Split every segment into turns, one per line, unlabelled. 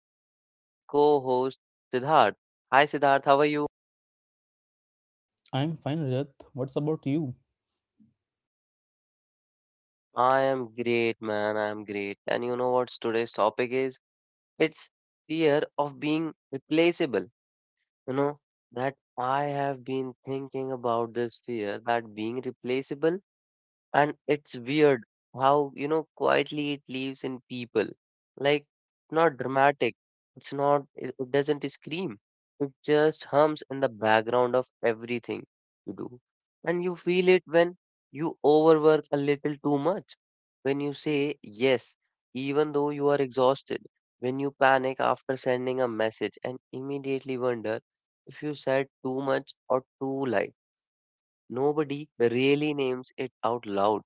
us we have our co host, Siddharth. Hi, Siddharth, how are you?
I'm fine, Rajat. What's about you?
I am great, man. I am great. And you know what today's topic is? It's fear of being replaceable. You know, that I have been thinking about this fear that being replaceable. And it's weird how, quietly it lives in people. Like, not dramatic. It doesn't scream. It just hums in the background of everything you do. And you feel it when you overwork a little too much. When you say yes, even though you are exhausted. When you panic after sending a message and immediately wonder if you said too much or too light. Nobody really names it out loud,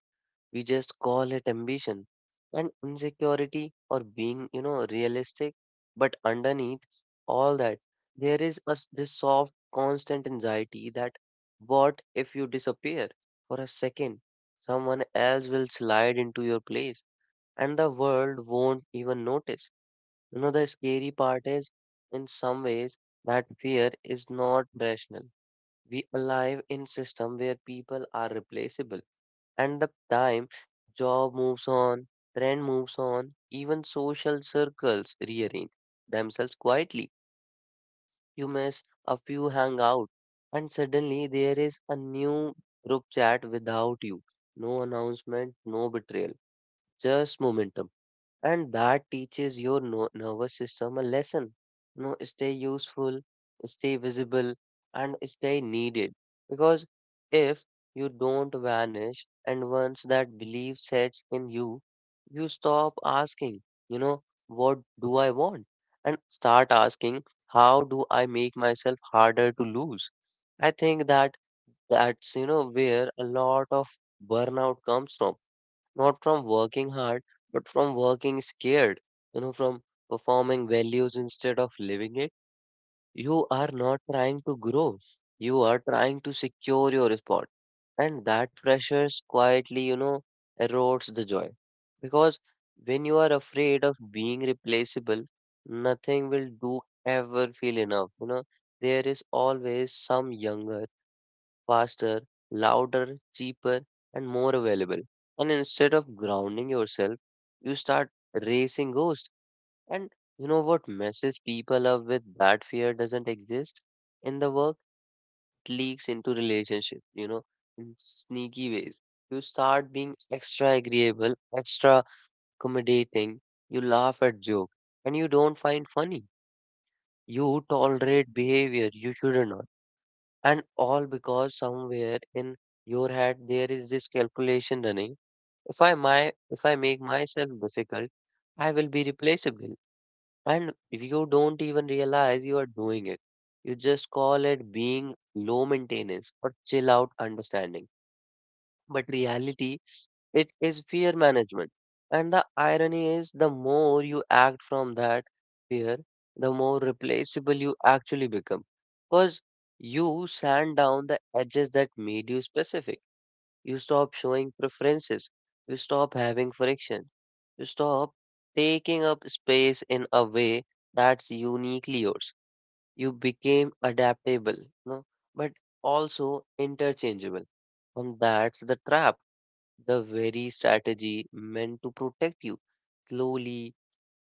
we just call it ambition and insecurity or being, realistic. But underneath all that, there is this soft, constant anxiety that what if you disappear for a second? Someone else will slide into your place and the world won't even notice. The scary part is, in some ways, that fear is not rational. We alive in system where people are replaceable and the time job moves on, trend moves on, even social circles rearrange themselves quietly. You miss a few hangout, and suddenly there is a new group chat without you. No announcement, no betrayal, just momentum, and that teaches your nervous system a lesson. Stay useful, stay visible, and stay needed. Because if you don't vanish, and once that belief sets in you, you stop asking, you know, what do I want? And start asking, how do I make myself harder to lose? I think that that's where a lot of burnout comes from, not from working hard, but from working scared, from performing values instead of living it. You are not trying to grow, you are trying to secure your spot. And that pressure quietly, erodes the joy. Because when you are afraid of being replaceable, nothing will do ever feel enough. There is always some younger, faster, louder, cheaper, and more available. And instead of grounding yourself, you start racing ghosts. And you know what messes people up with that fear, doesn't exist in the work, it leaks into relationship, in sneaky ways. You start being extra agreeable, extra accommodating, you laugh at joke, and you don't find funny. You tolerate behavior you shouldn't, and all because somewhere in your head there is this calculation running. If I make myself difficult, I will be replaceable. And if you don't even realize you are doing it. You just call it being low maintenance or chill out understanding. But reality, it is fear management. And the irony is, the more you act from that fear, the more replaceable you actually become. Because you sand down the edges that made you specific. You stop showing preferences. You stop having friction. You stop taking up space in a way that's uniquely yours. You became adaptable, but also interchangeable. And that's the trap, the very strategy meant to protect you slowly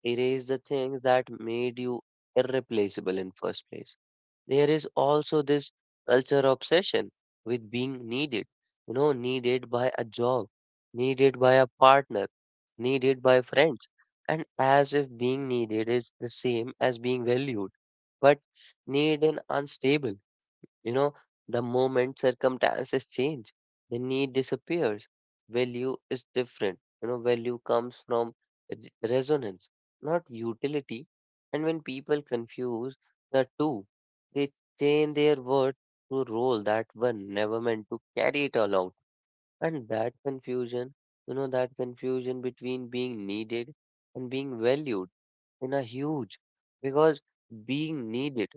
erase the things that made you irreplaceable in first place. There is also this culture obsession with being needed, needed by a job, needed by a partner, needed by friends, and as if being needed is the same as being valued. But need and unstable. You know, the moment circumstances change, the need disappears. Value is different. Value comes from resonance, not utility. And when people confuse the two, they chain their worth to role that were never meant to carry it along. And that confusion, that confusion between being needed and being valued in a huge, because being needed,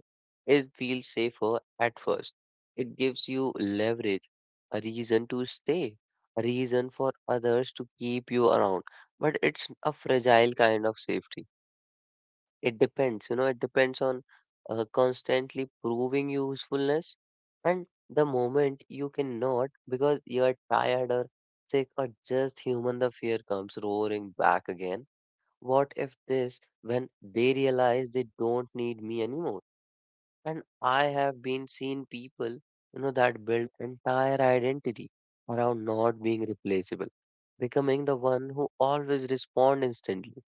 it feels safer at first. It gives you leverage, a reason to stay, a reason for others to keep you around, but it's a fragile kind of safety. It depends on constantly proving usefulness. And the moment you cannot, because you are tired or sick or just human, the fear comes roaring back again. What if this, when they realize they don't need me anymore? And I have been seen people, that build entire identity around not being replaceable, becoming the one who always respond instantly,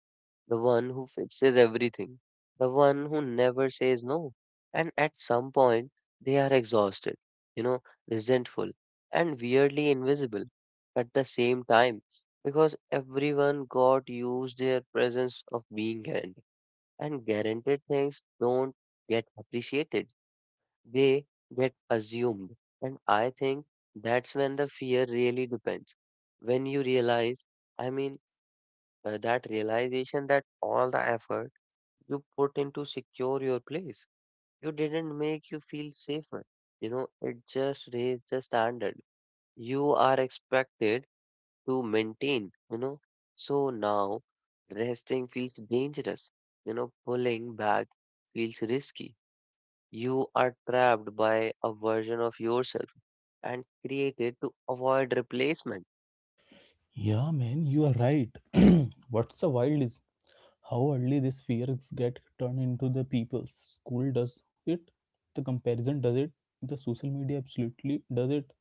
the one who fixes everything, the one who never says no. And at some point, they are exhausted, you know, resentful, and weirdly invisible at the same time, because everyone got used their presence of being guaranteed. And guaranteed things don't get appreciated, they get assumed. And I think that's when the fear really depends. When you realize, I mean, that realization that all the effort you put in to secure your place. You didn't make you feel safer. It just raised the standard. You are expected to maintain. So now resting feels dangerous. Pulling back feels risky. You are trapped by a version of yourself and created to avoid replacement.
Yeah, man, you are right. What's the wild is how early these fears get turned into the people's. School does it, the comparison does it, the social media absolutely does it.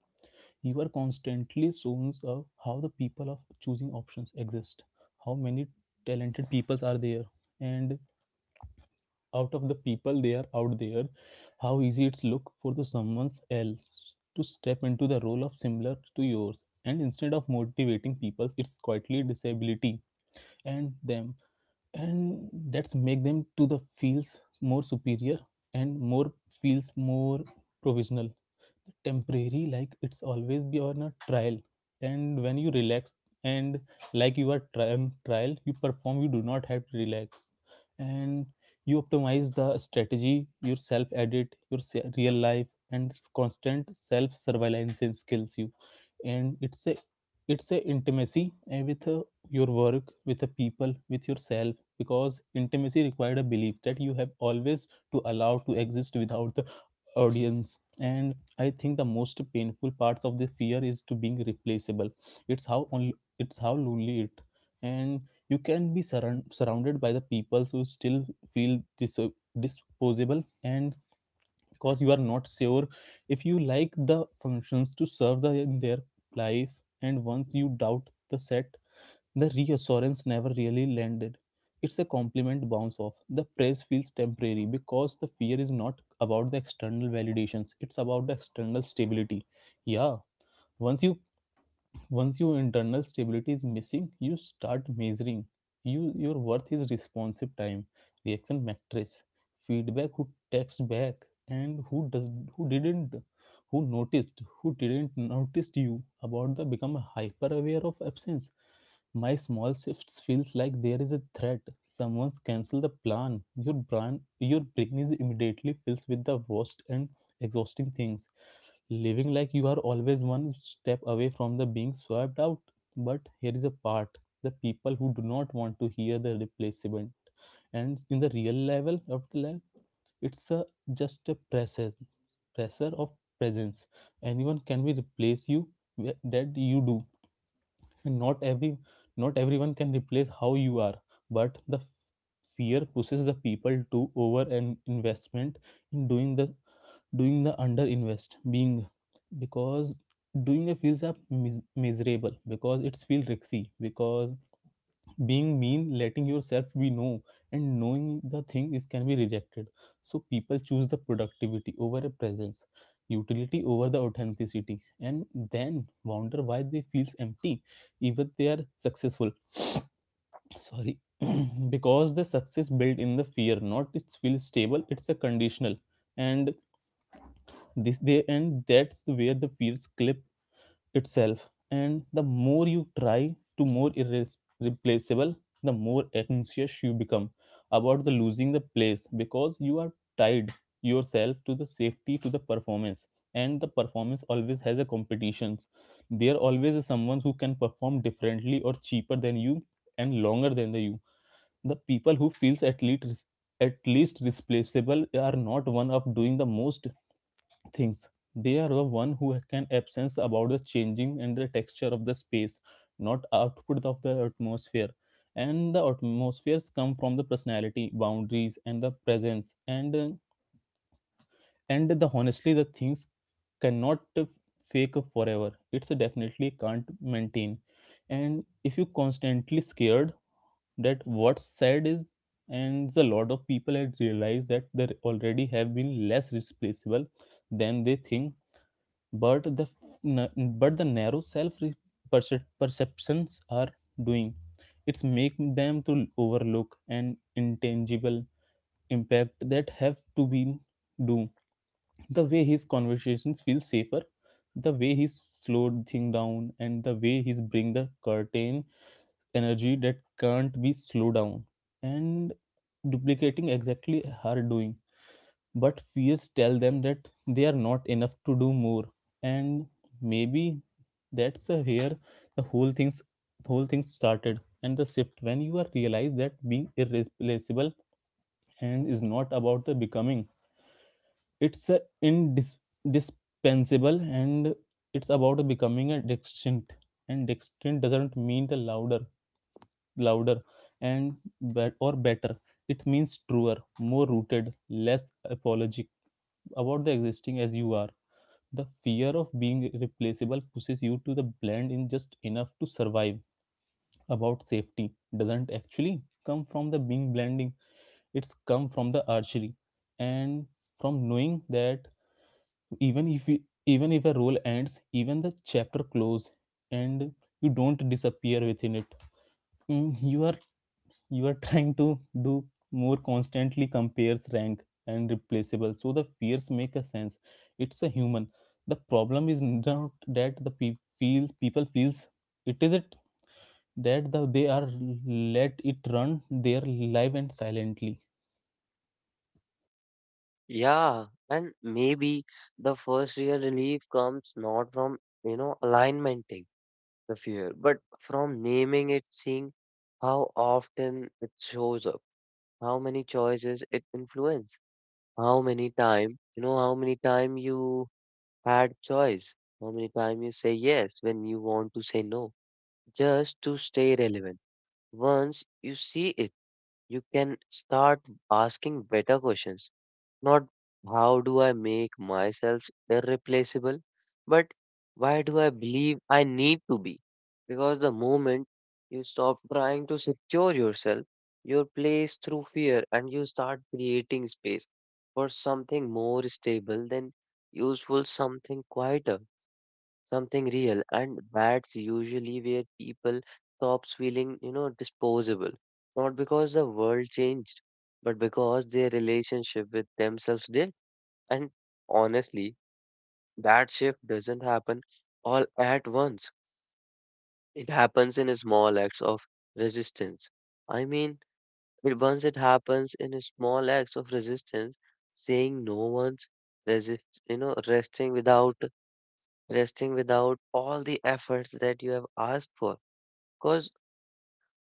You are constantly shown of how the people of choosing options exist, how many talented peoples are there, and out of the people they are out there how easy it's look for the someone else to step into the role of similar to yours, and instead of motivating people it's quietly disability and them, and that's make them to the feels more superior and more feels more provisional temporary, like it's always be on a trial. And when you relax and like you are on trial you perform, you do not have to relax, and you optimize the strategy, your self edit your real life, and this constant self surveillance skills you. And it's a intimacy with your work, with the people, with yourself, because intimacy required a belief that you have always to allow to exist without the audience. And I think the most painful parts of the fear is to being replaceable, it's how lonely it. And you can be surrounded by the people who still feel disposable, and because you are not sure if you like the functions to serve the, in their life. And once you doubt the set, the reassurance never really landed, it's a compliment bounce off, the praise feels temporary, because the fear is not about the external validations, it's about the external stability. Yeah, once you once your internal stability is missing you start measuring you, your worth is responsive time, reaction matrix, feedback, who texts back and who does, who didn't, who noticed, who didn't noticed you, about the become hyper aware of absence. My small shifts feels like there is a threat. Someone's cancel the plan. Your brain is immediately fills with the worst and exhausting things, living like you are always one step away from the being swept out. But here is a part, the people who do not want to hear the replacement. And in the real level of the life, it's a, just a pressure of presence. Anyone can be replace you that you do. And not everyone can replace how you are. But the fear pushes the people to over an investment in doing the underinvest being, because doing the feels up miserable because it's feel risky, because being mean letting yourself be know and knowing the thing is can be rejected, so people choose the productivity over a presence, utility over the authenticity, and then wonder why they feels empty even they are successful. Sorry. Because the success built in the fear not it feels stable, it's a conditional. And this day, and that's where the feels clip itself, and the more you try to more irreplaceable, the more anxious you become about the losing the place, because you are tied yourself to the safety, to the performance, and the performance always has a competitions. There always is someone who can perform differently or cheaper than you, and longer than the you. The people who feels at least replaceable are not one of doing the most things. They are the one who can absence about the changing and the texture of the space, not output of the atmosphere. And the atmospheres come from the personality, boundaries, and the presence. And the honestly, the things cannot fake forever. It's definitely can't maintain. And if you constantly scared that what's said is, and a lot of people have realized that they already have been less replaceable than they think, but the but the narrow self perceptions are doing, it's make them to overlook an intangible impact that have to be do, the way his conversations feel safer, the way he slowed thing down, and the way he's bring the curtain energy that can't be slowed down, and duplicating exactly her doing, but fears tell them that they are not enough to do more. And maybe that's here the whole things whole thing started, and the shift when you are realize that being irreplaceable and is not about the becoming, it's a indispensable, and it's about the becoming a distinct, and distinct doesn't mean the louder and bet or better, it means truer, more rooted, less apologetic about the existing as you are. The fear of being replaceable pushes you to the blend in just enough to survive. About safety doesn't actually come from the being blending. It's come from the archery and from knowing that, even if you, even if a role ends, even the chapter close, and you don't disappear within it. Mm, you are trying to do more, constantly compares rank and replaceable, so the fears make a sense, it's a human. The problem is not that the feels people feels it is it that the, they are let it run their life and silently.
Yeah, and maybe the first real relief comes not from, alignment, the fear. But from naming it, seeing how often it shows up, how many choices it influence, how many time, how many time you had choice, how many time you say yes when you want to say no, just to stay relevant. Once you see it, you can start asking better questions, not how do I make myself irreplaceable, but why do I believe I need to be? Because the moment you stop trying to secure yourself, your place through fear, and you start creating space for something more stable than useful, something quieter, something real. And that's usually where people stops feeling, disposable. Not because the world changed, but because their relationship with themselves did. And honestly, that shift doesn't happen all at once. It happens in small acts of resistance. I mean, once it happens in small acts of resistance, saying no once, resist, you know, resting without resting without all the efforts that you have asked for. Because.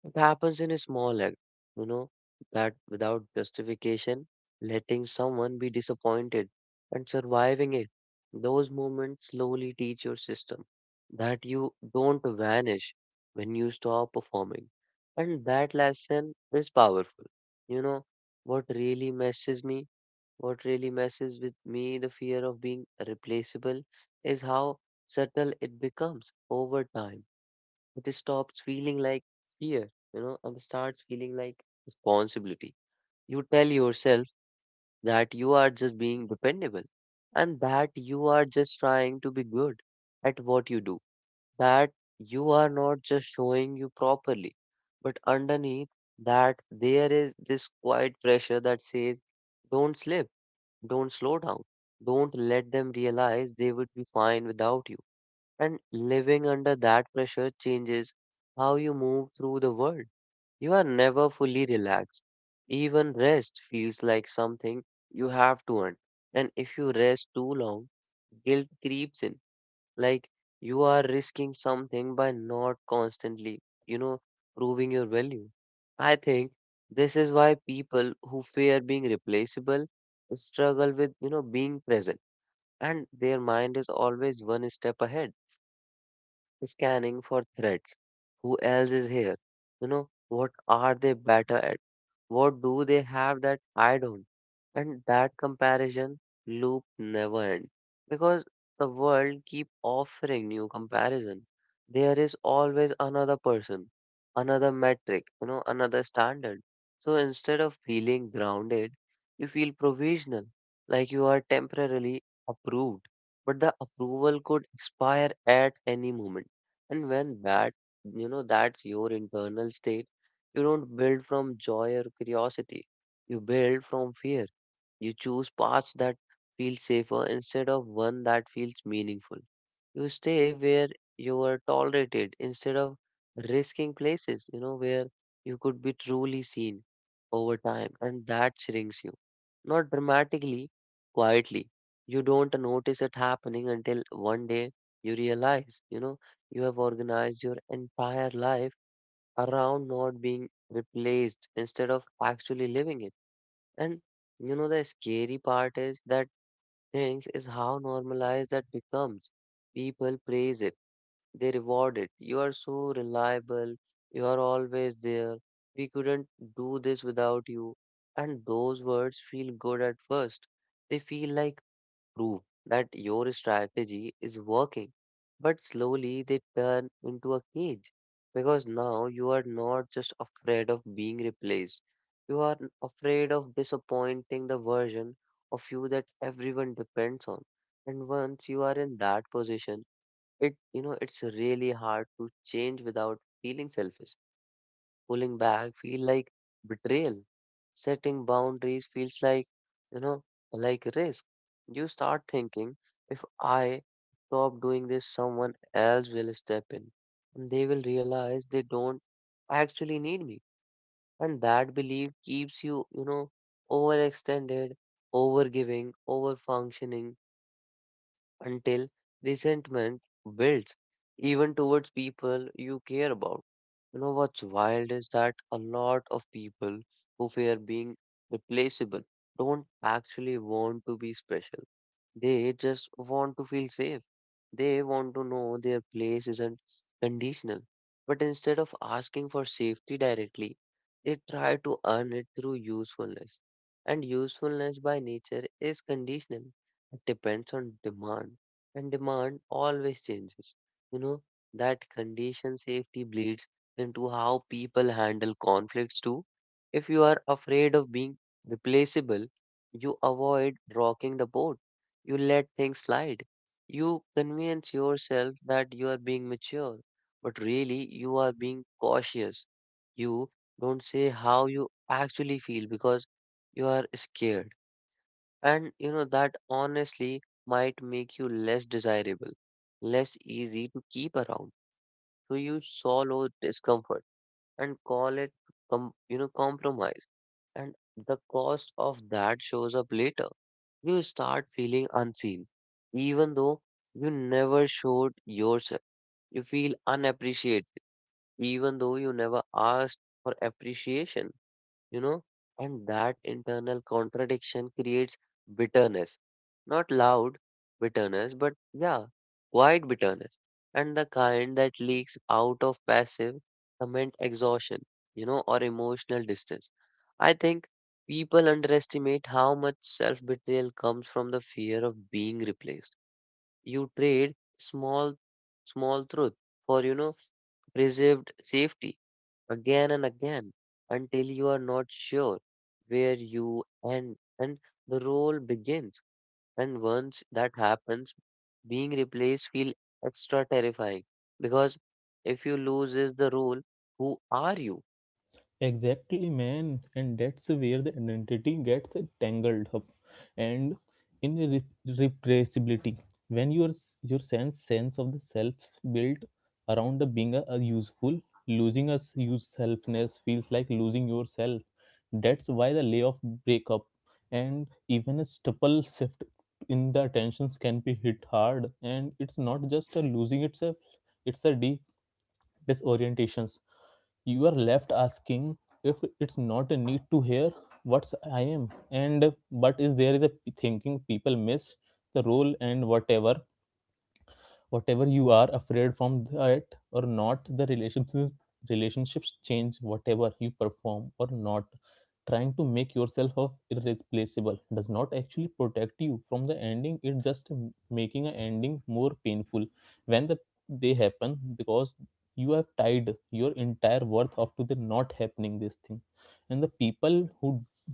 It happens in a small act, you know, that without justification, letting someone be disappointed and surviving it. Those moments slowly teach your system that you don't vanish when you stop performing. And that lesson is powerful. You know, what really messes me, what really messes with me, the fear of being replaceable, is how subtle it becomes over time, it stops feeling like fear, and starts feeling like responsibility. You tell yourself that you are just being dependable, and that you are just trying to be good at what you do, that you are not just showing you properly, but underneath that there is this quiet pressure that says, don't slip, don't slow down, don't let them realize they would be fine without you. And living under that pressure changes how you move through the world. You are never fully relaxed. Even rest feels like something you have to earn. And if you rest too long, guilt creeps in. Like you are risking something by not constantly, proving your value. I think this is why people who fear being replaceable struggle with, being present. And their mind is always one step ahead scanning for threats. Who else is here? What are they better at? What do they have that I don't? And that comparison loop never ends because the world keep offering new comparison. There is always another person, another metric, another standard. So instead of feeling grounded, you feel provisional, like you are temporarily approved, but the approval could expire at any moment. And when that, that's your internal state, you don't build from joy or curiosity. You build from fear. You choose paths that feel safer instead of one that feels meaningful. You stay where you are tolerated instead of risking places, where you could be truly seen over time. And that shrinks you. Not dramatically, quietly. You don't notice it happening until one day you realize, you know. You have organized your entire life around not being replaced instead of actually living it. And the scary part is that things is how normalized that becomes. People praise it, they reward it. You are so reliable, you are always there. We couldn't do this without you. And those words feel good at first. They feel like prove that your strategy is working. But slowly they turn into a cage, because now you are not just afraid of being replaced, you are afraid of disappointing the version of you that everyone depends on. And once you are in that position, it you know it's really hard to change without feeling selfish. Pulling back feel like betrayal. Setting boundaries feels you know, like risk. You start thinking, if I stop doing this, someone else will step in. And they will realize they don't actually need me. And that belief keeps you, overextended, overgiving, overfunctioning until resentment builds, even towards people you care about. You know what's wild is that a lot of people who fear being replaceable don't actually want to be special. They just want to feel safe. They want to know their place isn't conditional. But instead of asking for safety directly, they try to earn it through usefulness. And usefulness by nature is conditional. It depends on demand. And demand always changes. You know, that condition safety bleeds into how people handle conflicts too. If you are afraid of being replaceable, you avoid rocking the boat. You let things slide. You convince yourself that you are being mature, but really you are being cautious. You don't say how you actually feel because you are scared. And you know that honestly might make you less desirable, less easy to keep around. So you swallow discomfort and call it, compromise. And the cost of that shows up later. You start feeling unseen, even though you never showed yourself. You feel unappreciated, even though you never asked for appreciation, you know. And that internal contradiction creates bitterness, not loud bitterness, but yeah, quiet bitterness, and the kind that leaks out of passive comment exhaustion, or emotional distance. I think people underestimate how much self betrayal comes from the fear of being replaced. You trade small, small truth for preserved safety again and again until you are not sure where you end and the role begins. And once that happens, being replaced feel extra terrifying because if you lose is the role, who are you?
Exactly, man. And that's where the identity gets tangled up and in replaceability. When your sense of the self built around the being a useful, losing a use selfness feels like losing yourself. That's why the layoff, breakup, and even a stubble shift in the attentions can be hit hard. And it's not just a losing itself; it's a de disorientations, you are left asking if it's not a need to hear what's I am. And but is there is a thinking people miss the role, and whatever you are afraid from that or not, the relationships change whatever you perform or not. Trying to make yourself of irreplaceable does not actually protect you from the ending, it just making an ending more painful when the they happen, because you have tied your entire worth up to the not happening this thing. And the people who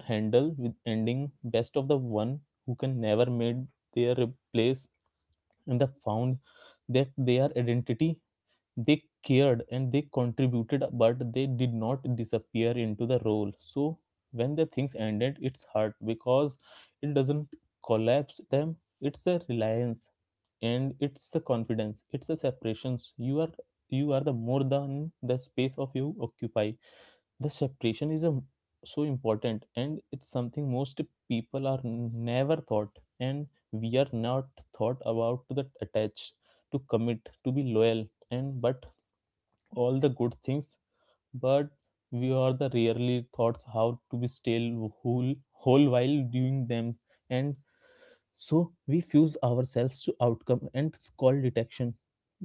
handle with ending best of the one who can never made their place, and they found that their identity, they cared and they contributed, but they did not disappear into the role. So when the things ended it's hard because it doesn't collapse them, it's a reliance, and it's a confidence, it's a separations. You are the more than the space of you occupy. The separation is so important, and it's something most people are never thought, and we are not thought about to that attached, to commit, to be loyal, and but all the good things, but we are the rarely thoughts how to be still whole whole while doing them. And so we fuse ourselves to outcome, and it's called detection,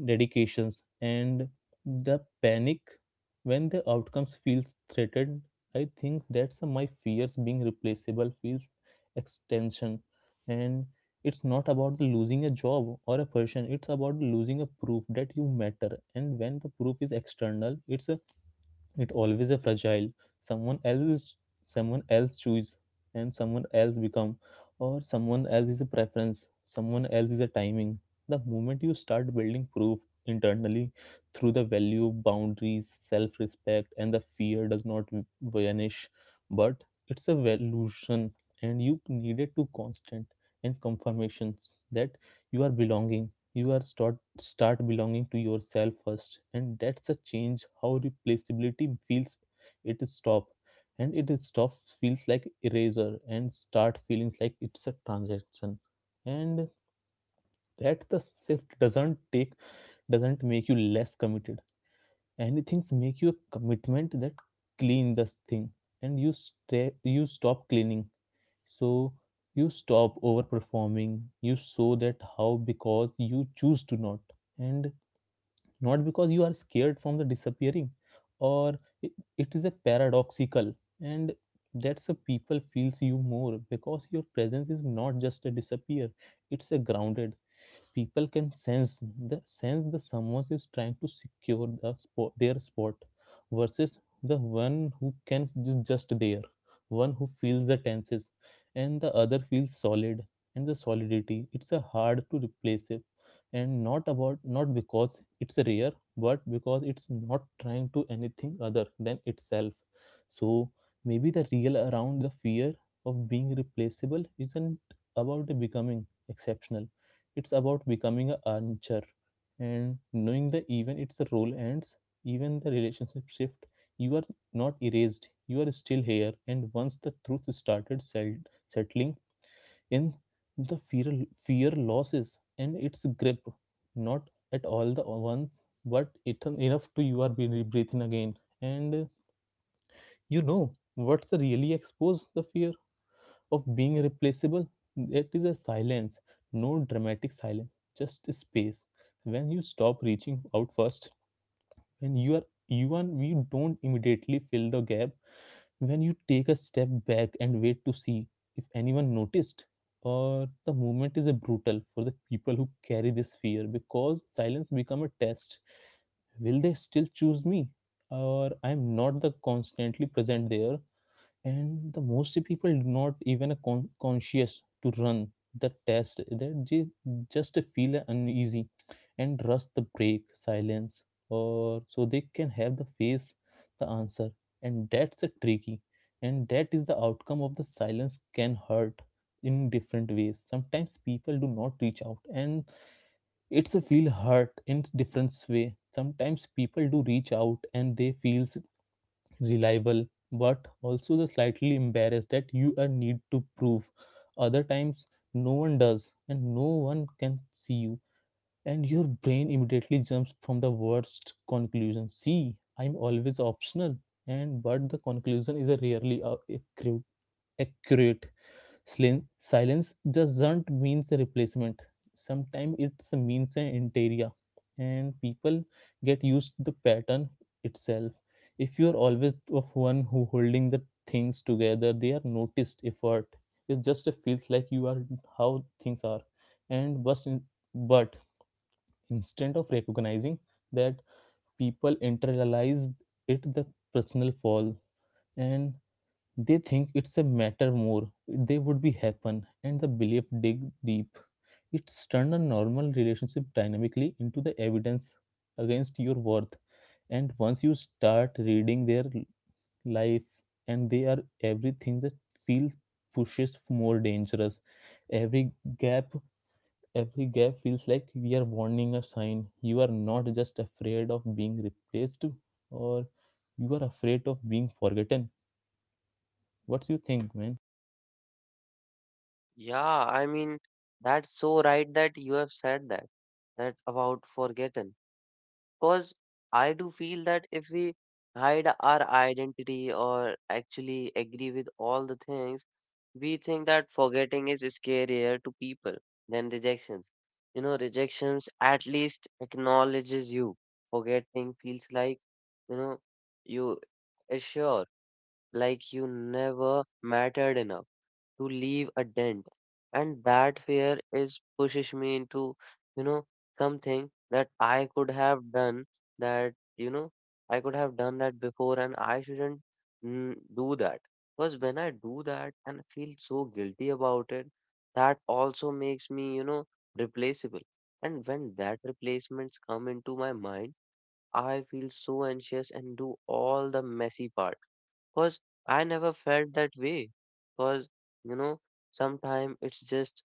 dedications, and the panic when the outcomes feels threatened. I think that's my fears being replaceable feels extension, and it's not about the losing a job or a person. It's about losing a proof that you matter, and when the proof is external, it always a fragile, someone else is- someone else choose, and someone else become, or someone else is a preference, someone else is a timing. The moment you start building proof internally through the value, boundaries, self-respect, and the fear does not vanish, but it's a illusion, and you needed to constant and confirmations that you are belonging, you are start belonging to yourself first, and that's a change how replaceability feels. It is stop and it is stop feels like eraser and start feelings like it's a transaction. And that the shift doesn't make you less committed, anything's make you a commitment that clean this thing. And you stop cleaning, so you stop overperforming, you show that how because you choose to not, and not because you are scared from the disappearing. Or it, it is a paradoxical. And that's a people feels you more because your presence is not just a disappear, it's a grounded, people can sense the someone is trying to secure their spot versus the one who can just there, one who feels the tenses and the other feels solid, and the solidity it's a hard to replace it, and not about not because it's rare, but because it's not trying to anything other than itself. So maybe the real around the fear of being replaceable isn't about the becoming exceptional, it's about becoming a armchair and knowing the even its role ends, even the relationship shift. You are not erased. You are still here. And once the truth started settling in, the fear losses and its grip, not at all the once, but it enough to you are breathing again. And you know what's really expose the fear of being replaceable. It is a silence, no dramatic silence, just space. When you stop reaching out first, when you are you and you don't immediately fill the gap, when you take a step back and wait to see if anyone noticed, or the movement is a brutal for the people who carry this fear because silence become a test. Will they still choose me? Or I'm not the constantly present there and the most people do not even conscious to run the test just feel uneasy and rush the break silence or so they can have the face the answer, and that's a tricky, and that is the outcome of the silence can hurt in different ways. Sometimes people do not reach out and it's a feel hurt in different way. Sometimes people do reach out and they feels reliable but also the slightly embarrassed that you are need to prove. Other times no one does and no one can see you and your brain immediately jumps from the worst conclusion. See, I'm always optional. And but the conclusion is a rarely accurate accurate. Slim, silence doesn't mean a replacement. Sometimes it means an interior, and people get used to the pattern itself. If you are always of one who holding the things together, they are noticed effort. It just feels like you are how things are, and but in, but instead of recognizing that, people internalize it the personal fall, and they think it's a matter more. They would be happen, and the belief dig deep. It's turned a normal relationship dynamically into the evidence against your worth. And once you start reading their life, and they are everything that feels pushes more dangerous. Every gap, every gap feels like we are warning a sign. You are not just afraid of being replaced, or you are afraid of being forgotten. What's you think, man?
Yeah, I mean, that's so right that you have said that about forgotten. Because I do feel that if we hide our identity or actually agree with all the things, we think that forgetting is scarier to people than rejections. You know, rejections at least acknowledges you. Forgetting feels like, you know, you are sure, like you never mattered enough to leave a dent. And that fear is pushes me into, you know, something that I could have done that I could have done that before and I shouldn't do that. Because when I do that and feel so guilty about it, that also makes me replaceable. And when that replacements come into my mind, I feel so anxious and do all the messy part. Cause I never felt that way. Cause you know, sometimes it's just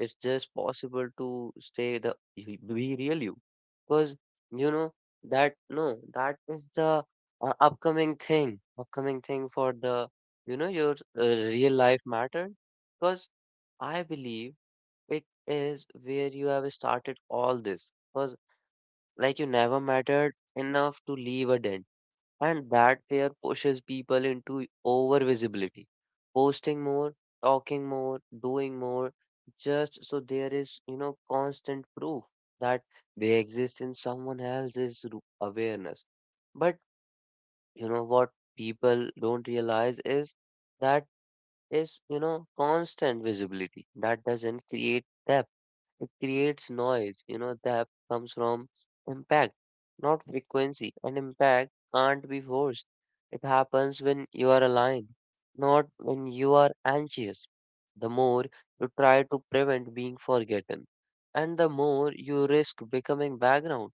it's just possible to stay be real you. Cause you know that no, that is the upcoming thing for the your real life matter. Cause I believe it is where you have started all this. Cause like you never mattered enough to leave a dent and that fear pushes people into over visibility, posting more, talking more, doing more, just so there is constant proof that they exist in someone else's awareness. But you know what people don't realize is that is constant visibility that doesn't create depth. It creates noise, that comes from impact, not frequency. And impact can't be forced. It happens when you are aligned, not when you are anxious. The more you try to prevent being forgotten, and the more you risk becoming background.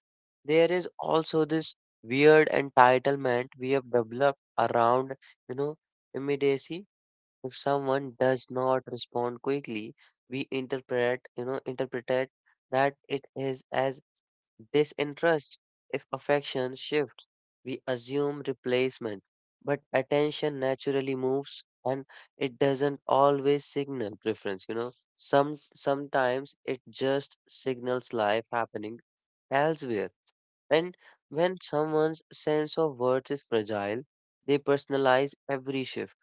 There is also this weird entitlement we have developed around, you know, immediacy. If someone does not respond quickly, we interpret it that it is as disinterest. If affection shifts, we assume replacement. But attention naturally moves and it doesn't always signal preference. Sometimes it just signals life happening elsewhere. And when someone's sense of worth is fragile, they personalize every shift.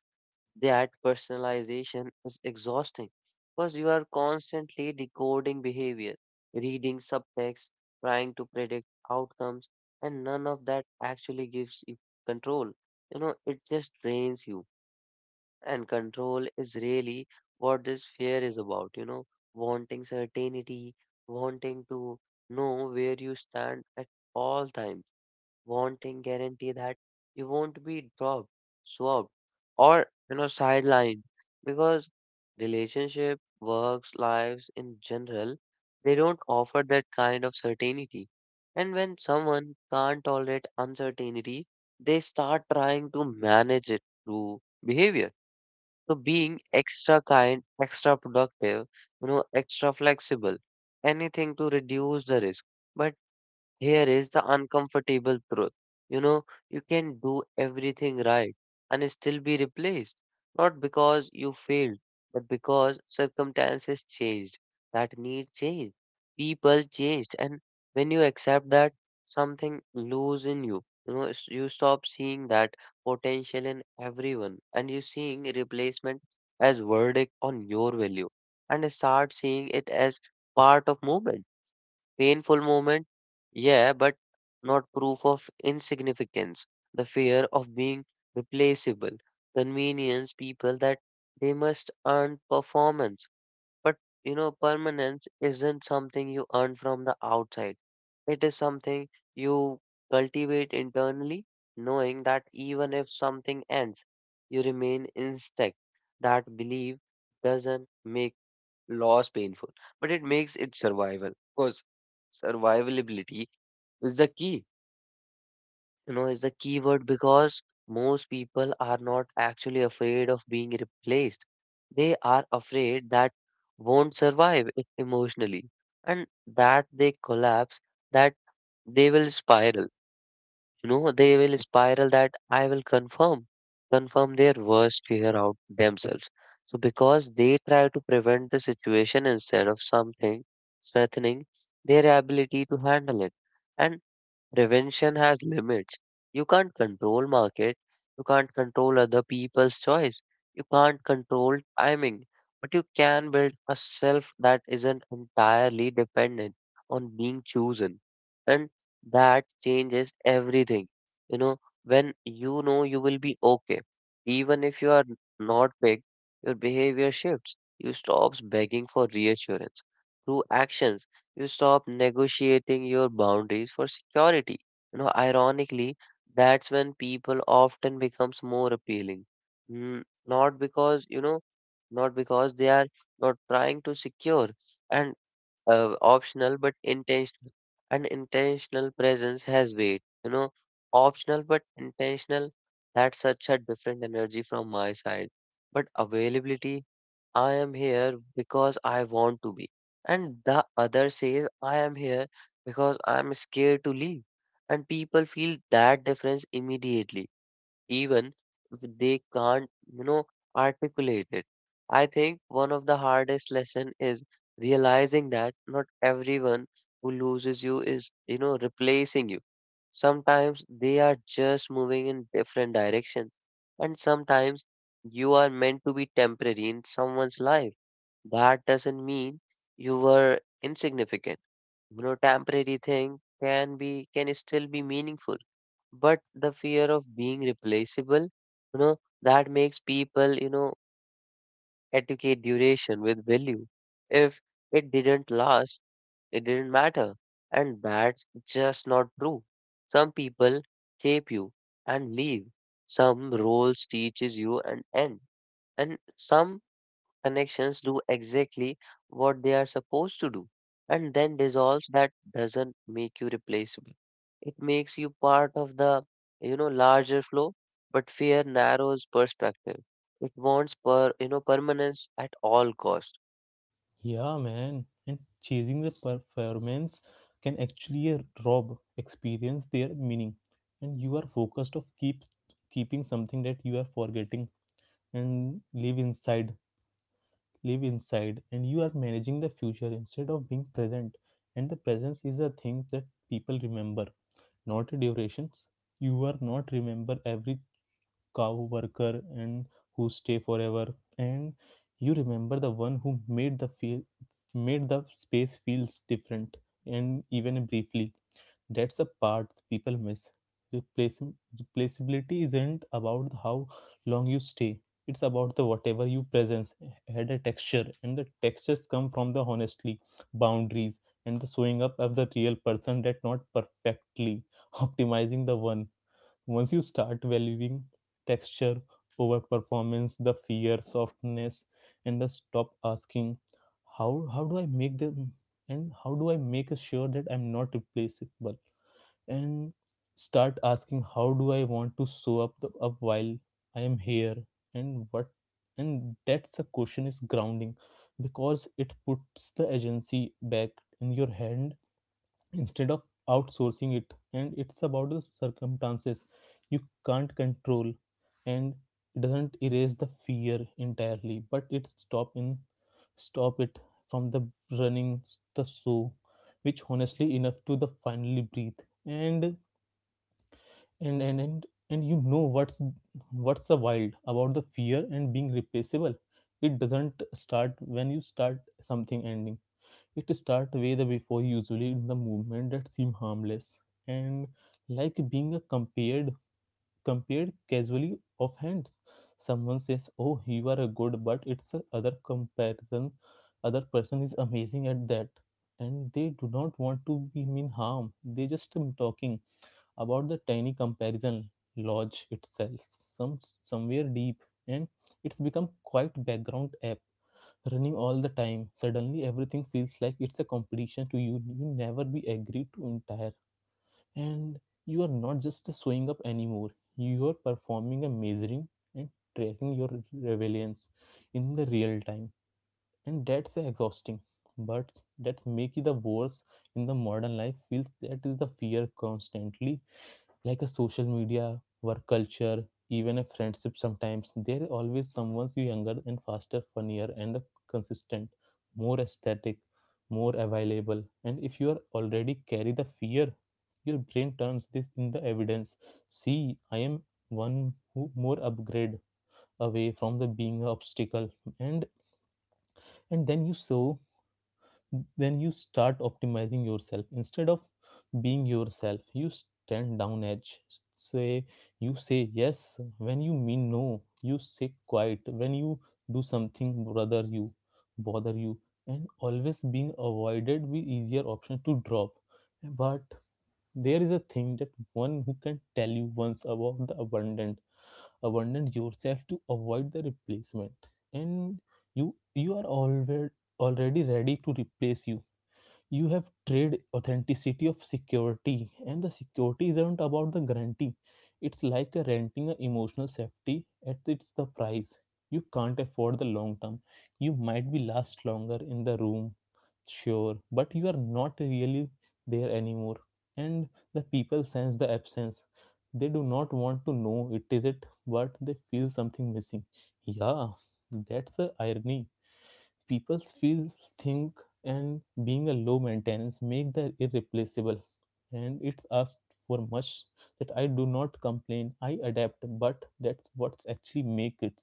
That personalization is exhausting because you are constantly decoding behavior, reading subtext, trying to predict outcomes, and none of that actually gives you control. It just drains you. And control is really what this fear is about wanting certainty, wanting to know where you stand at all times wanting guarantee that you won't be dropped, swapped, or sidelined because relationship, works, lives in general, they don't offer that kind of certainty. And when someone can't tolerate uncertainty, they start trying to manage it through behavior. So being extra kind, extra productive, extra flexible, anything to reduce the risk. But here is the uncomfortable truth. You can do everything right and still be replaced, not because you failed, but because circumstances changed, that need changed, people changed, and when you accept that, something loose in you. You stop seeing that potential in everyone, and you seeing replacement as verdict on your value, and start seeing it as part of movement. Painful moment, yeah, but not proof of insignificance. The fear of being replaceable, convenience people that they must earn performance. But permanence isn't something you earn from the outside. It is something you cultivate internally, knowing that even if something ends, you remain intact. That belief doesn't make loss painful, but it makes it survival because survivability is the key. You know, is the key word because most people are not actually afraid of being replaced. They are afraid that won't survive it emotionally and that they collapse, that they will spiral. They will spiral that I will confirm their worst fear out themselves. So because they try to prevent the situation instead of something strengthening their ability to handle it. And prevention has limits. You can't control market, you can't control other people's choice, you can't control timing, but you can build a self that isn't entirely dependent on being chosen. And that changes everything. You know, when you know you will be okay, even if you are not picked, your behavior shifts. You stops begging for reassurance through actions. You stop negotiating your boundaries for security. Ironically, that's when people often becomes more appealing. Not because, they are not trying to secure and optional but intentional. And intentional presence has weight. Optional but intentional, that's such a different energy from my side. But availability, I am here because I want to be. And the other says, I am here because I am scared to leave. And people feel that difference immediately even if they can't, articulate it. I think one of the hardest lesson is realizing that not everyone who loses you is replacing you. Sometimes they are just moving in different directions, and sometimes you are meant to be temporary in someone's life. That doesn't mean you were insignificant. Temporary thing can still be meaningful but the fear of being replaceable, you know, that makes people, educate duration with value. If it didn't last, it didn't matter. And that's just not true. Some people shape you and leave. Some roles teaches you and end. And some connections do exactly what they are supposed to do and then dissolves. That doesn't make you replaceable. It makes you part of the larger flow. But fear narrows perspective. It wants permanence at all cost.
Yeah, man. And chasing the performance can actually rob experience their meaning. And you are focused of keeping something that you are forgetting and live inside, and you are managing the future instead of being present. And the presence is the things that people remember, not durations. You are not remember every cow worker and who stay forever and you remember the one who made the space feels different and even briefly. That's a part people miss. Replace, replaceability isn't about how long you stay. It's about the whatever you presence had a texture and the textures come from the honestly boundaries and the showing up of the real person that not perfectly optimizing the one. Once you start valuing texture over performance, the fear, softness, and the stop asking, how do I make them and how do I make sure that I'm not replaceable? And start asking how do I want to show up the up while I am here and what, and that's a question is grounding because it puts the agency back in your hand instead of outsourcing it, and it's about the circumstances you can't control, and it doesn't erase the fear entirely but it stop it from the running the show, which honestly enough to the finally breathe. And you know what's the wild about the fear and being replaceable, it doesn't start when you start something ending. It starts way the before, usually in the movement that seem harmless and like being a compared casually of hands. Someone says, "Oh, you are a good," but it's a other comparison. Other person is amazing at that, and they do not want to be mean harm. They just talking about the tiny comparison lodge itself, somewhere deep, and it's become quite background app running all the time. Suddenly, everything feels like it's a competition to you. You never be agreed to entire, and you are not just showing up anymore. You are performing a measuring and tracking your rebellions in the real time, and that's exhausting. But that's make it the worse in the modern life. Feels that is the fear constantly like a social media, work culture, even a friendship sometimes, there always someone's younger and faster, funnier and consistent, more aesthetic, more available. And if you are already carry the fear, your brain turns this in the evidence. See, I am one who more upgrade away from the being an obstacle. And and then you saw then you start optimizing yourself instead of being yourself. You stand down edge, say you say yes when you mean no. You say quiet when you do something bother you bother you, and always being avoided with easier option to drop. But there is a thing that one who can tell you once about the abundant yourself to avoid the replacement, and you are always already ready to replace you. You have trade authenticity of security, and the security isn't about the guarantee. It's like a renting an emotional safety at its the price you can't afford the long term. You might be last longer in the room, sure, but you are not really there anymore, and the people sense the absence. They do not want to know it is it but they feel something missing. Yeah, that's the irony. People feel think and being a low maintenance make the irreplaceable and it's asked for much that I do not complain. I adapt, but that's what's actually make it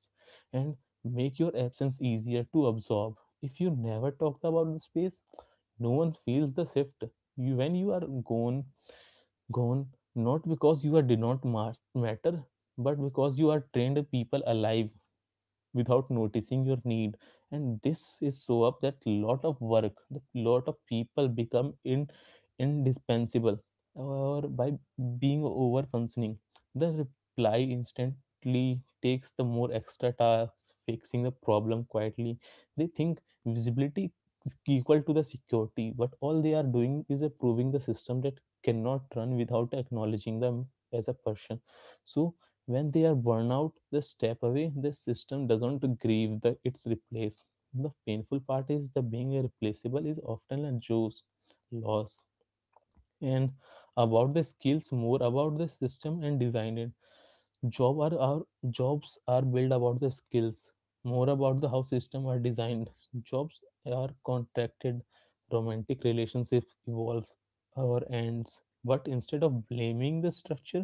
and make your absence easier to absorb. If you never talk about the space, no one feels the shift. You when you are gone, not because you are did not matter, but because you are trained people alive without noticing your need. And this is so up that lot of work the lot of people become indispensable or by being over functioning, the reply instantly takes the more extra tasks fixing the problem quietly. They think visibility is equal to the security but all they are doing is approving the system that cannot run without acknowledging them as a person. So when they are burned out, they step away the system doesn't grieve the its replace. The painful part is the being irreplaceable is often a juice loss and about the skills more about the system and design it. Job are jobs are built about the skills more about the how system are designed jobs are contracted, romantic relationships evolves or ends. But instead of blaming the structure,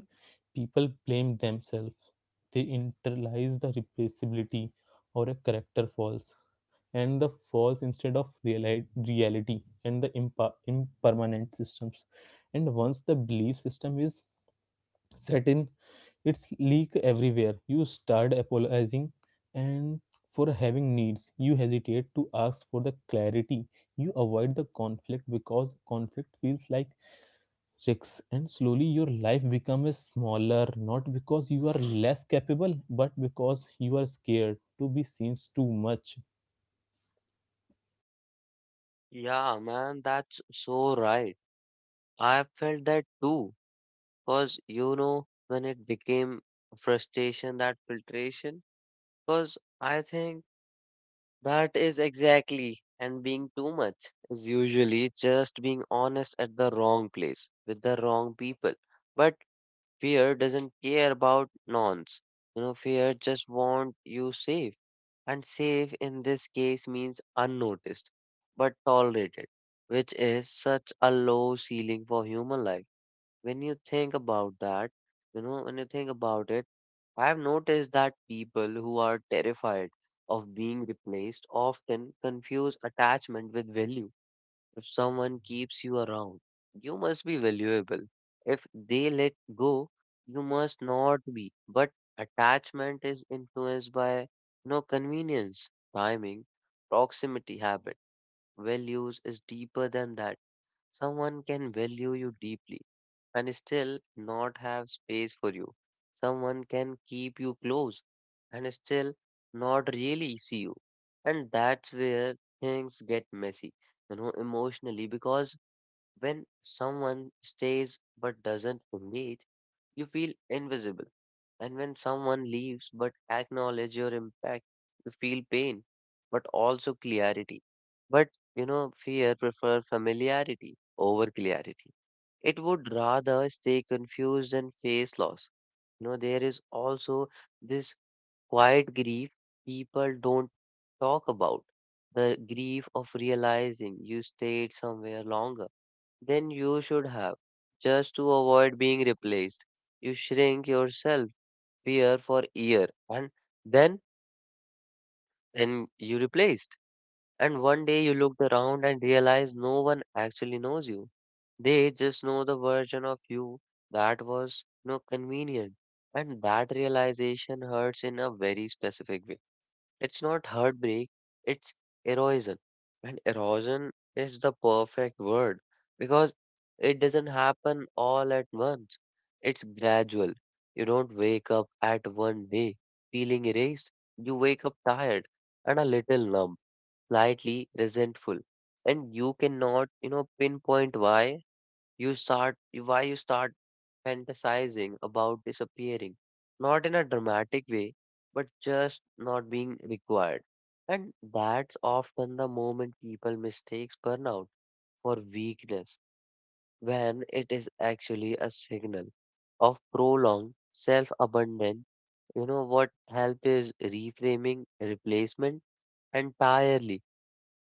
people blame themselves. They internalize the replaceability or a character falls and the false instead of reality and the impermanent systems. And once the belief system is set in, its leak everywhere. You start apologizing and for having needs. You hesitate to ask for the clarity. You avoid the conflict because conflict feels like risks, and slowly your life becomes smaller, not because you are less capable but because you are scared to be seen too much.
Yeah, man, that's so right. I felt that too. Because when it became frustration, that filtration. Because I think that is exactly, and being too much is usually just being honest at the wrong place with the wrong people. But fear doesn't care about nonce. Fear just wants you safe, and safe in this case means unnoticed but tolerated, which is such a low ceiling for human life. When you think about that, when you think about it. I have noticed that people who are terrified of being replaced often confuse attachment with value. If someone keeps you around, you must be valuable. If they let go, you must not be. But attachment is influenced by convenience, timing, proximity, habit. Values is deeper than that. Someone can value you deeply and still not have space for you. Someone can keep you close and still not really see you. And that's where things get messy, emotionally because when someone stays but doesn't engage, you feel invisible. And when someone leaves but acknowledge your impact, you feel pain, but also clarity. But fear prefer familiarity over clarity. It would rather stay confused and face loss. There is also this quiet grief people don't talk about. The grief of realizing you stayed somewhere longer than you should have. Just to avoid being replaced, you shrink yourself year for year, and then and you replaced. And one day you looked around and realized no one actually knows you. They just know the version of you that was no convenient. And that realization hurts in a very specific way. It's not heartbreak, it's erosion. And erosion is the perfect word because it doesn't happen all at once. It's gradual. You don't wake up at one day feeling erased. You wake up tired and a little numb, slightly resentful. And you cannot, you know, pinpoint why you start, why you start fantasizing about disappearing, not in a dramatic way, but just not being required. And that's often the moment people mistakes burnout for weakness, when it is actually a signal of prolonged self-abandon. You know what help is reframing replacement entirely.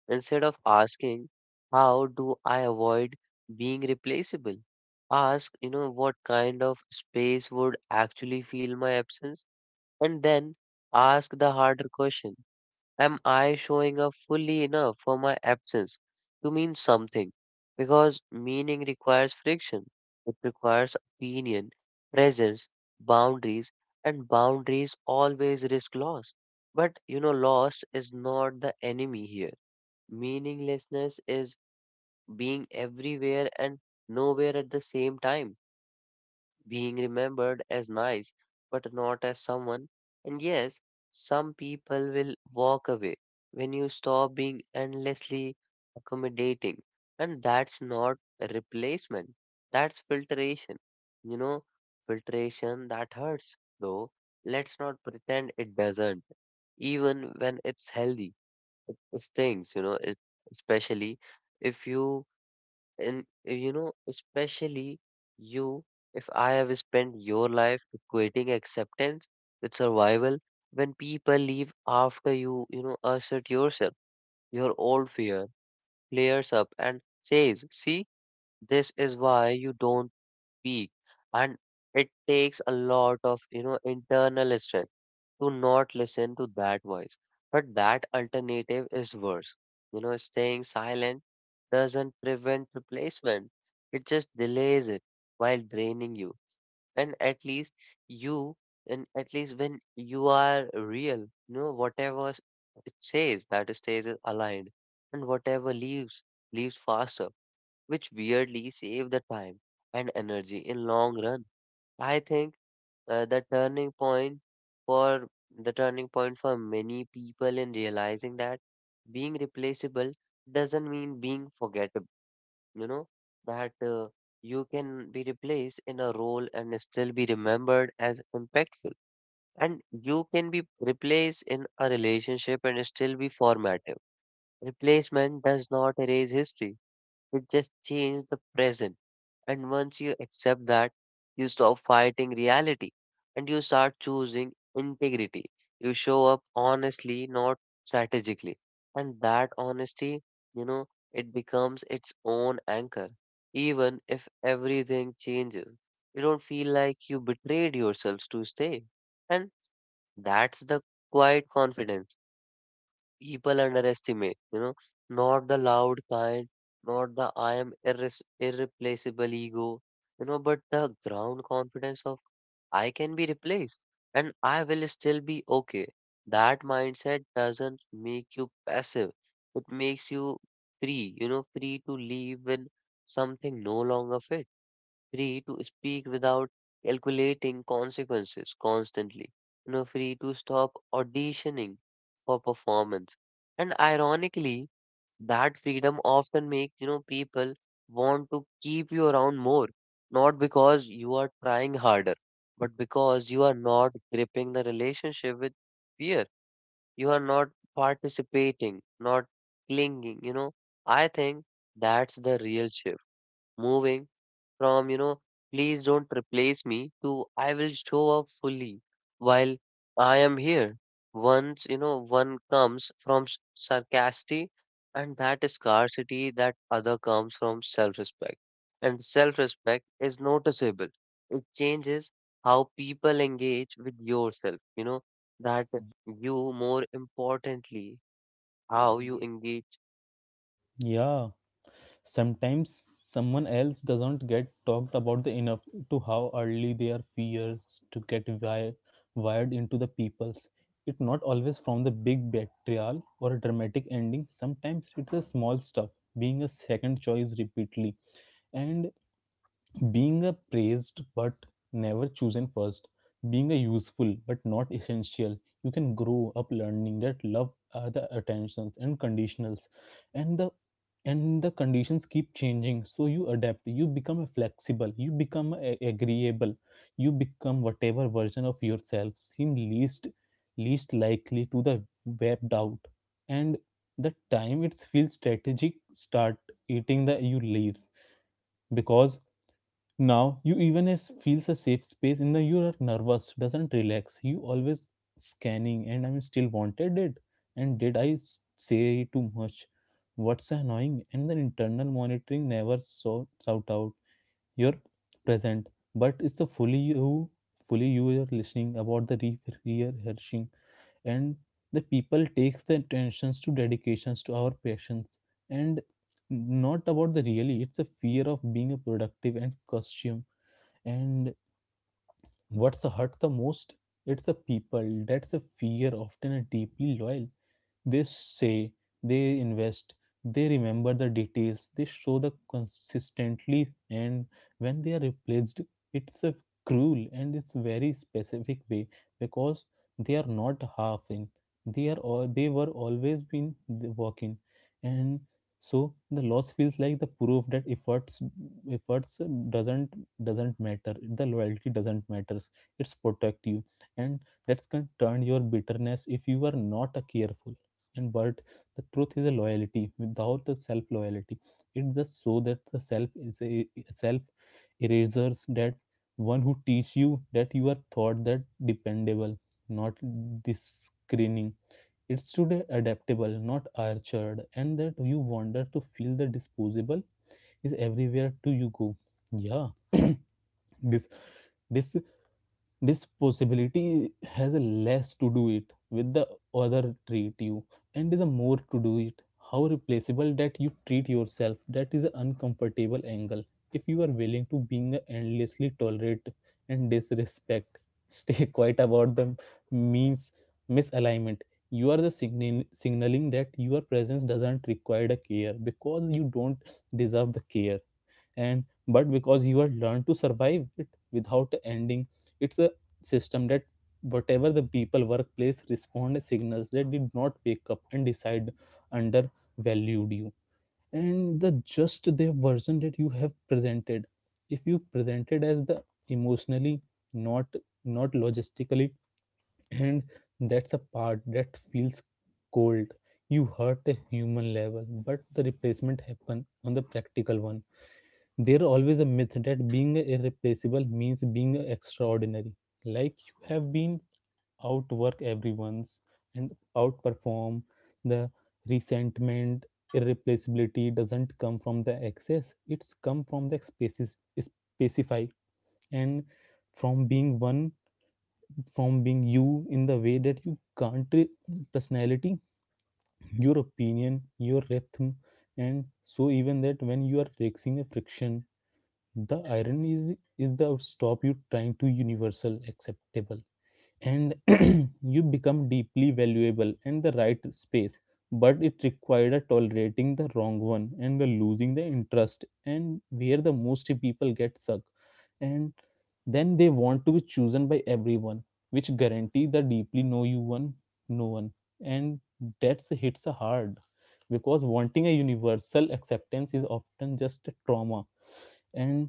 Instead of asking, how do I avoid being replaceable? Ask, you know, what kind of space would actually feel my absence? And then ask the harder question. Am I showing up fully enough for my absence to mean something? Because meaning requires friction. It requires opinion, presence, boundaries, and boundaries always risk loss. But you know, loss is not the enemy here. Meaninglessness is being everywhere and nowhere at the same time, being remembered as nice, but not as someone. And yes, some people will walk away when you stop being endlessly accommodating. And that's not a replacement, that's filtration. You know, filtration that hurts, though. Let's not pretend it doesn't, even when it's healthy those things you know it, especially if you you know especially you if I have spent your life equating acceptance with survival. When people leave after you, you know, assert yourself, your old fear clears up and says, see, this is why you don't speak. And it takes a lot of, you know, internal strength to not listen to that voice. But that alternative is worse. You know, staying silent doesn't prevent replacement, it just delays it while draining you. And at least you, and at least when you are real, you know, whatever it says, that stays is aligned, and whatever leaves, leaves faster, which weirdly save the time and energy in long run. I think the turning point for the turning point for many people in realizing that being replaceable doesn't mean being forgettable, you know, that you can be replaced in a role and still be remembered as impactful, and you can be replaced in a relationship and still be formative. Replacement does not erase history, it just changes the present. And once you accept that, you stop fighting reality and you start choosing integrity. You show up honestly, not strategically. And that honesty, you know, it becomes its own anchor. Even if everything changes, you don't feel like you betrayed yourselves to stay. And that's the quiet confidence people underestimate, you know, not the loud kind, not the I am irreplaceable ego, you know, but the ground confidence of I can be replaced and I will still be okay. That mindset doesn't make you passive, it makes you free, you know, free to leave when something no longer fits, free to speak without calculating consequences constantly, you know, free to stop auditioning for performance. And ironically, that freedom often makes, you know, people want to keep you around more, not because you are trying harder, but because you are not gripping the relationship with fear. You are not participating, not clinging, you know. I think that's the real shift. Moving from, you know, please don't replace me to I will show up fully while I am here. Once, you know, one comes from sarcastic and that is scarcity, that other comes from self-respect. And self-respect is noticeable. It changes how people engage with yourself, you know, that you, more importantly, how you engage.
Yeah. Sometimes someone else doesn't get talked about the enough to how early their fears to get wired into the people's. It's not always from the big betrayal or a dramatic ending. Sometimes it's a small stuff, being a second choice repeatedly, and being a praised but never chosen first, being a useful but not essential. You can grow up learning that love are the attentions and conditionals, and the and the conditions keep changing, so you adapt. You become a flexible, you become agreeable. You become whatever version of yourself seem least likely to the webbed out. And the time it's feel strategic start eating the you leaves because now you even is feels a safe space in the you are nervous, doesn't relax. You always scanning and I'm still wanted it. And did I say too much? What's annoying? And the internal monitoring never sorts out. You're present, but it's the fully you are listening about the rehearsing, and the people takes the attentions to dedications to our patients and not about the really. It's a fear of being a productive and costume. And what's hurt the most? It's the people. That's a fear, often a deeply loyal. They say, they invest, they remember the details, they show the consistently, and when they are replaced, it's a cruel and it's very specific way because they are not half in. They are all they were always been the working, and so the loss feels like the proof that efforts doesn't doesn't matter. The loyalty doesn't matters. It's protect you, and that can turn your bitterness if you are not careful and but the truth is a loyalty without the self loyalty. It's just so that the self is a self erasers that one who teach you that you are thought that dependable not this it's today adaptable not archered and that you wander to feel the disposable is everywhere to you go. Yeah. this this this possibility has a less to do it with the other treat you and the more to do it how replaceable that you treat yourself. That is an uncomfortable angle if you are willing to being endlessly tolerate and disrespect, stay quiet about the means misalignment. You are the signal, signaling that your presence doesn't require a care because you don't deserve the care, and but because you are learned to survive it without ending. It's a system that whatever the people workplace respond signals that did not wake up and decide undervalued you, and the just the version that you have presented if you presented as the emotionally not not logistically, and that's a part that feels cold. You hurt a human level but the replacement happen on the practical one. There always a myth that being irreplaceable means being extraordinary. Like you have been outwork everyone's and outperform the resentment. Irreplaceability doesn't come from the excess; it's come from the spaces specify and from being one, from being you in the way that you can't re- personality, your opinion, your rhythm, and so even that when you are facing a friction the irony is the stop you trying to universal acceptable and you become deeply valuable and the right space, but it required a tolerating the wrong one and the losing the interest and where the most people get stuck. And then they want to be chosen by everyone, which guarantee the deeply know you one, no one. And that's hits hard because wanting a universal acceptance is often just a trauma and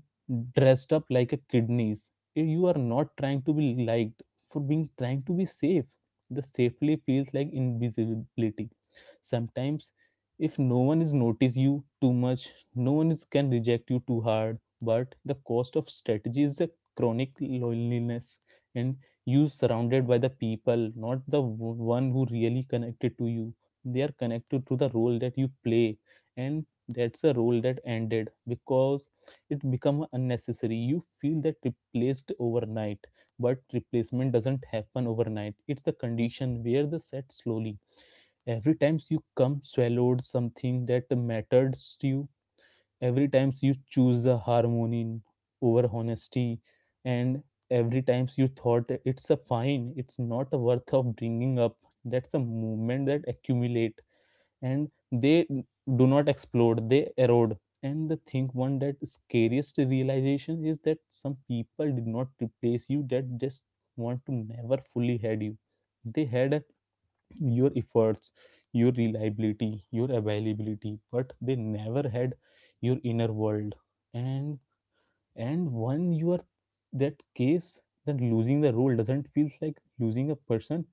dressed up like a kidneys. You are not trying to be liked for being trying to be safe. The safely feels like invisibility. Sometimes if no one is notice you too much, no one is, can reject you too hard. But the cost of strategy is a chronic loneliness, and you surrounded by the people, not the one who really connected to you. They are connected to the role that you play, and that's a role that ended because it become unnecessary. You feel that replaced overnight, but replacement doesn't happen overnight. It's the condition where the set slowly every times you come swallowed something that matters to you, every times you choose the harmony over honesty, and every times you thought it's a fine it's not worth of bringing up. That's a movement that accumulate, and they do not explode, they erode. And the thing one that scariest realization is that some people did not replace you, that just want to never fully had you. They had your efforts, your reliability, your availability, but they never had your inner world. and and when you are that case, then losing the role doesn't feel like losing a person,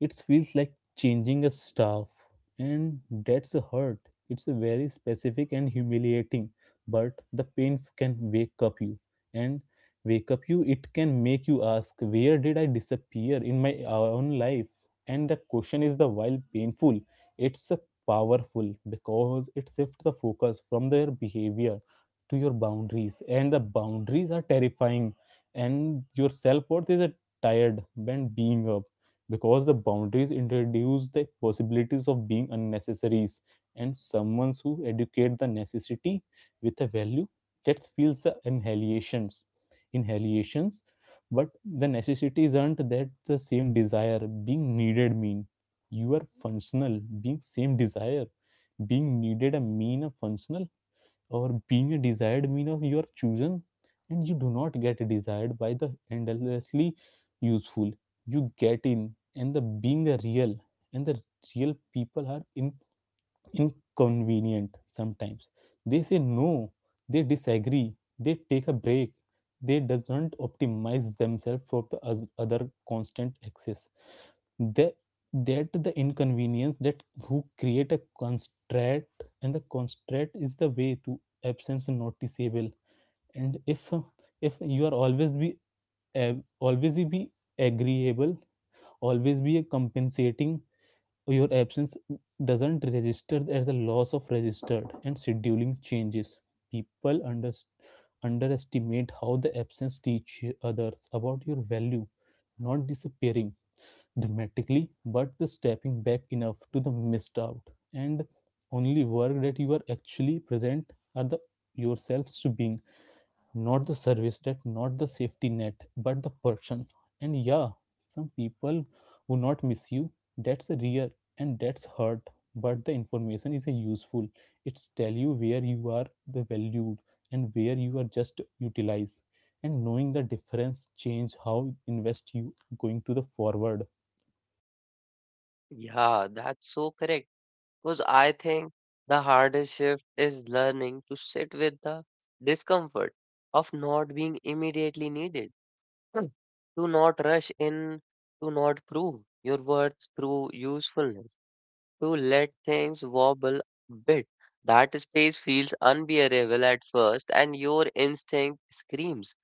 it feels like changing a staff, and that's a hurt. It's a very specific and humiliating, but the pains can wake up you, and wake up you. It can make you ask, where did I disappear in my own life? And the question is the while painful, it's a powerful because it shifts the focus from their behavior to your boundaries, and the boundaries are terrifying, and your self worth is a tired than being up because the boundaries introduce the possibilities of being unnecessaries. And someone who educate the necessity with a value, that feels the inhalations. But the necessities aren't that the same desire being needed mean you are functional being same desire being needed a mean a functional or being a desired mean of you are chosen. And you do not get desired by the endlessly useful, you get in and the being a real. And the real people are in, inconvenient sometimes. They say no, they disagree, they take a break, they doesn't optimize themselves for the other constant access. The that the inconvenience that who create a constraint, and the constraint is the way to absence noticeable. And if you are uh, always be agreeable, always be compensating, your absence doesn't register as a loss of registered and scheduling changes. People underestimate how the absence teach others about your value, not disappearing dramatically, but the stepping back enough to the missed out. And only work that you are actually present are the yourselves to being, not the service that, not the safety net, but the person. And yeah, some people will not miss you. That's real and that's hurt. But the information is a useful. It's tell you where you are the valued and where you are just utilized. And knowing the difference change how invest you going to the forward.
Yeah, that's so correct. Because I think the hardest shift is learning to sit with the discomfort of not being immediately needed. Hmm. To not rush in, to not prove your worth through usefulness, to let things wobble a bit. That space feels unbearable at first, and your instinct screams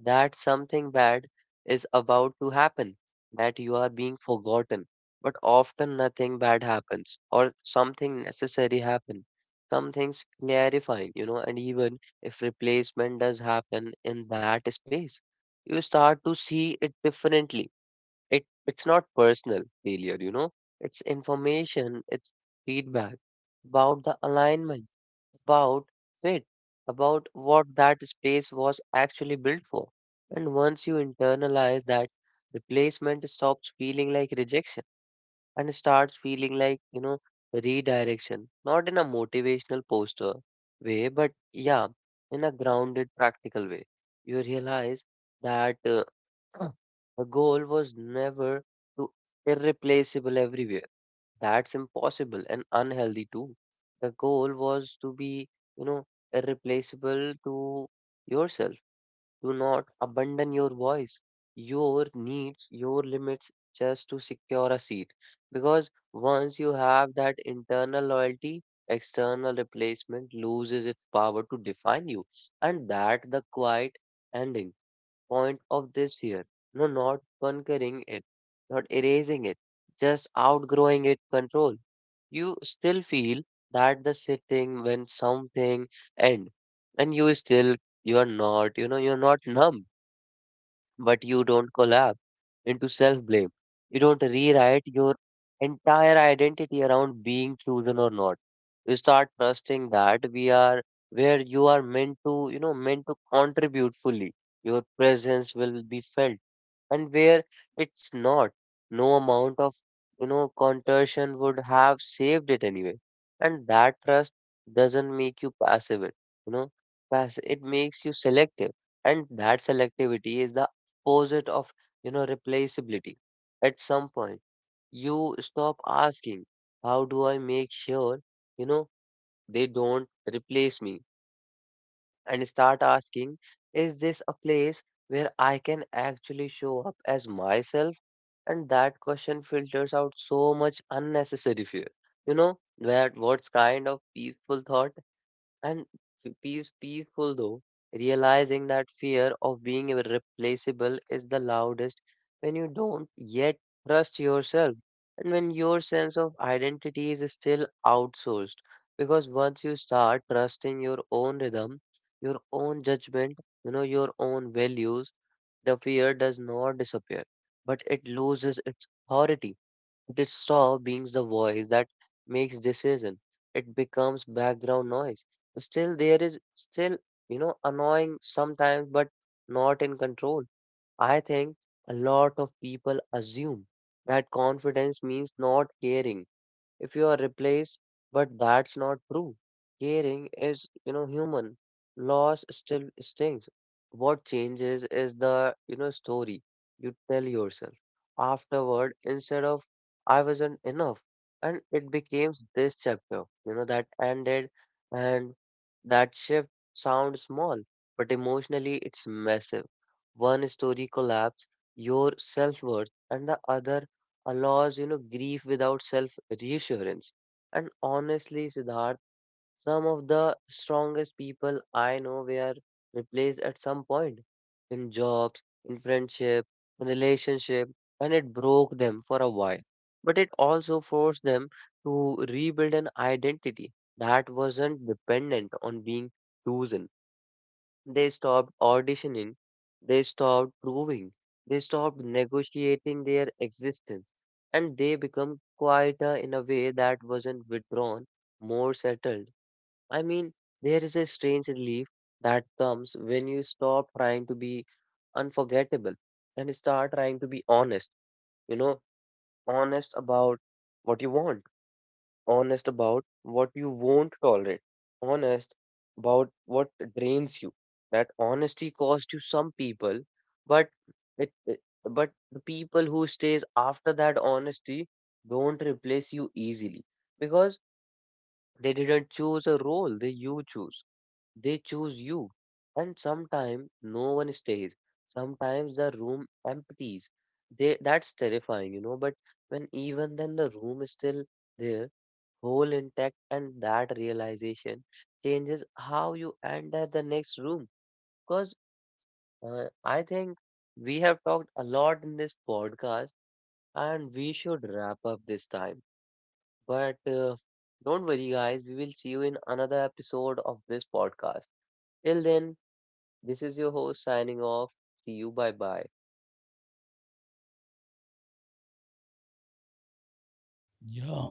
that something bad is about to happen, that you are being forgotten. But often nothing bad happens, or something necessary happen. Some things clarifying, you know, and even if replacement does happen in that space, you start to see it differently. It's not personal failure, you know, it's information, it's feedback about the alignment, about it, about what that space was actually built for. And once you internalize that, replacement stops feeling like rejection and starts feeling like, you know, redirection. Not in a motivational poster way, but yeah, in a grounded, practical way. You realize that the goal was never to irreplaceable everywhere. That's impossible and unhealthy too. The goal was to be, you know, irreplaceable to yourself. Do not abandon your voice, your needs, your limits just to secure a seat. Because once you have that internal loyalty, external replacement loses its power to define you. And that the quiet ending point of this fear. No, not conquering it, not erasing it, just outgrowing its control. You still feel that the sitting when something end, and you still, you are not, you know, you're not numb, but you don't collapse into self blame. You don't rewrite your entire identity around being chosen or not. You start trusting that we are where you are meant to, you know, meant to contribute fully. Your presence will be felt, and where it's not, no amount of, you know, contortion would have saved it anyway. And that trust doesn't make you passive. You know, it makes you selective. And that selectivity is the opposite of, you know, replaceability. At some point, you stop asking, how do I make sure, you know, they don't replace me? And start asking, is this a place where I can actually show up as myself? And that question filters out so much unnecessary fear. You know, that what's kind of peaceful thought and peaceful though, realizing that fear of being irreplaceable is the loudest when you don't yet trust yourself and when your sense of identity is still outsourced. Because once you start trusting your own rhythm, your own judgment, you know, your own values, the fear does not disappear, but it loses its authority. It stops being the voice that makes decision. It becomes background noise. There is still, you know, annoying sometimes, but not in control. I think a lot of people assume that confidence means not caring if you are replaced, but that's not true. Caring is, you know, human. Loss still stings. What changes is the, you know, story you tell yourself afterward. Instead of I wasn't enough, and it became this chapter, you know, that ended. And that shift sounds small, but emotionally it's massive. One story collapse your self worth, and the other allows you know grief without self reassurance. And honestly, Siddharth, some of the strongest people I know were replaced at some point, in jobs, in friendship, in relationship, and it broke them for a while, but it also forced them to rebuild an identity that wasn't dependent on being chosen. They stopped auditioning, they stopped proving, they stopped negotiating their existence, and they become quieter in a way that wasn't withdrawn, more settled. I mean, there is a strange relief that comes when you stop trying to be unforgettable and start trying to be honest, you know, honest about what you want, honest about what you won't tolerate, honest about what drains you. That honesty costs you some people, but it, it- but the people who stays after that honesty don't replace you easily, because they didn't choose a role they you choose. They choose you. And sometimes no one stays. Sometimes the room empties. They that's terrifying, you know. But when even then the room is still there, whole, intact. And that realization changes how you enter the next room. Because I think we have talked a lot in this podcast and we should wrap up this time. But don't worry guys, we will see you in another episode of this podcast. Till then, this is your host signing off. See you, bye bye.
Yeah.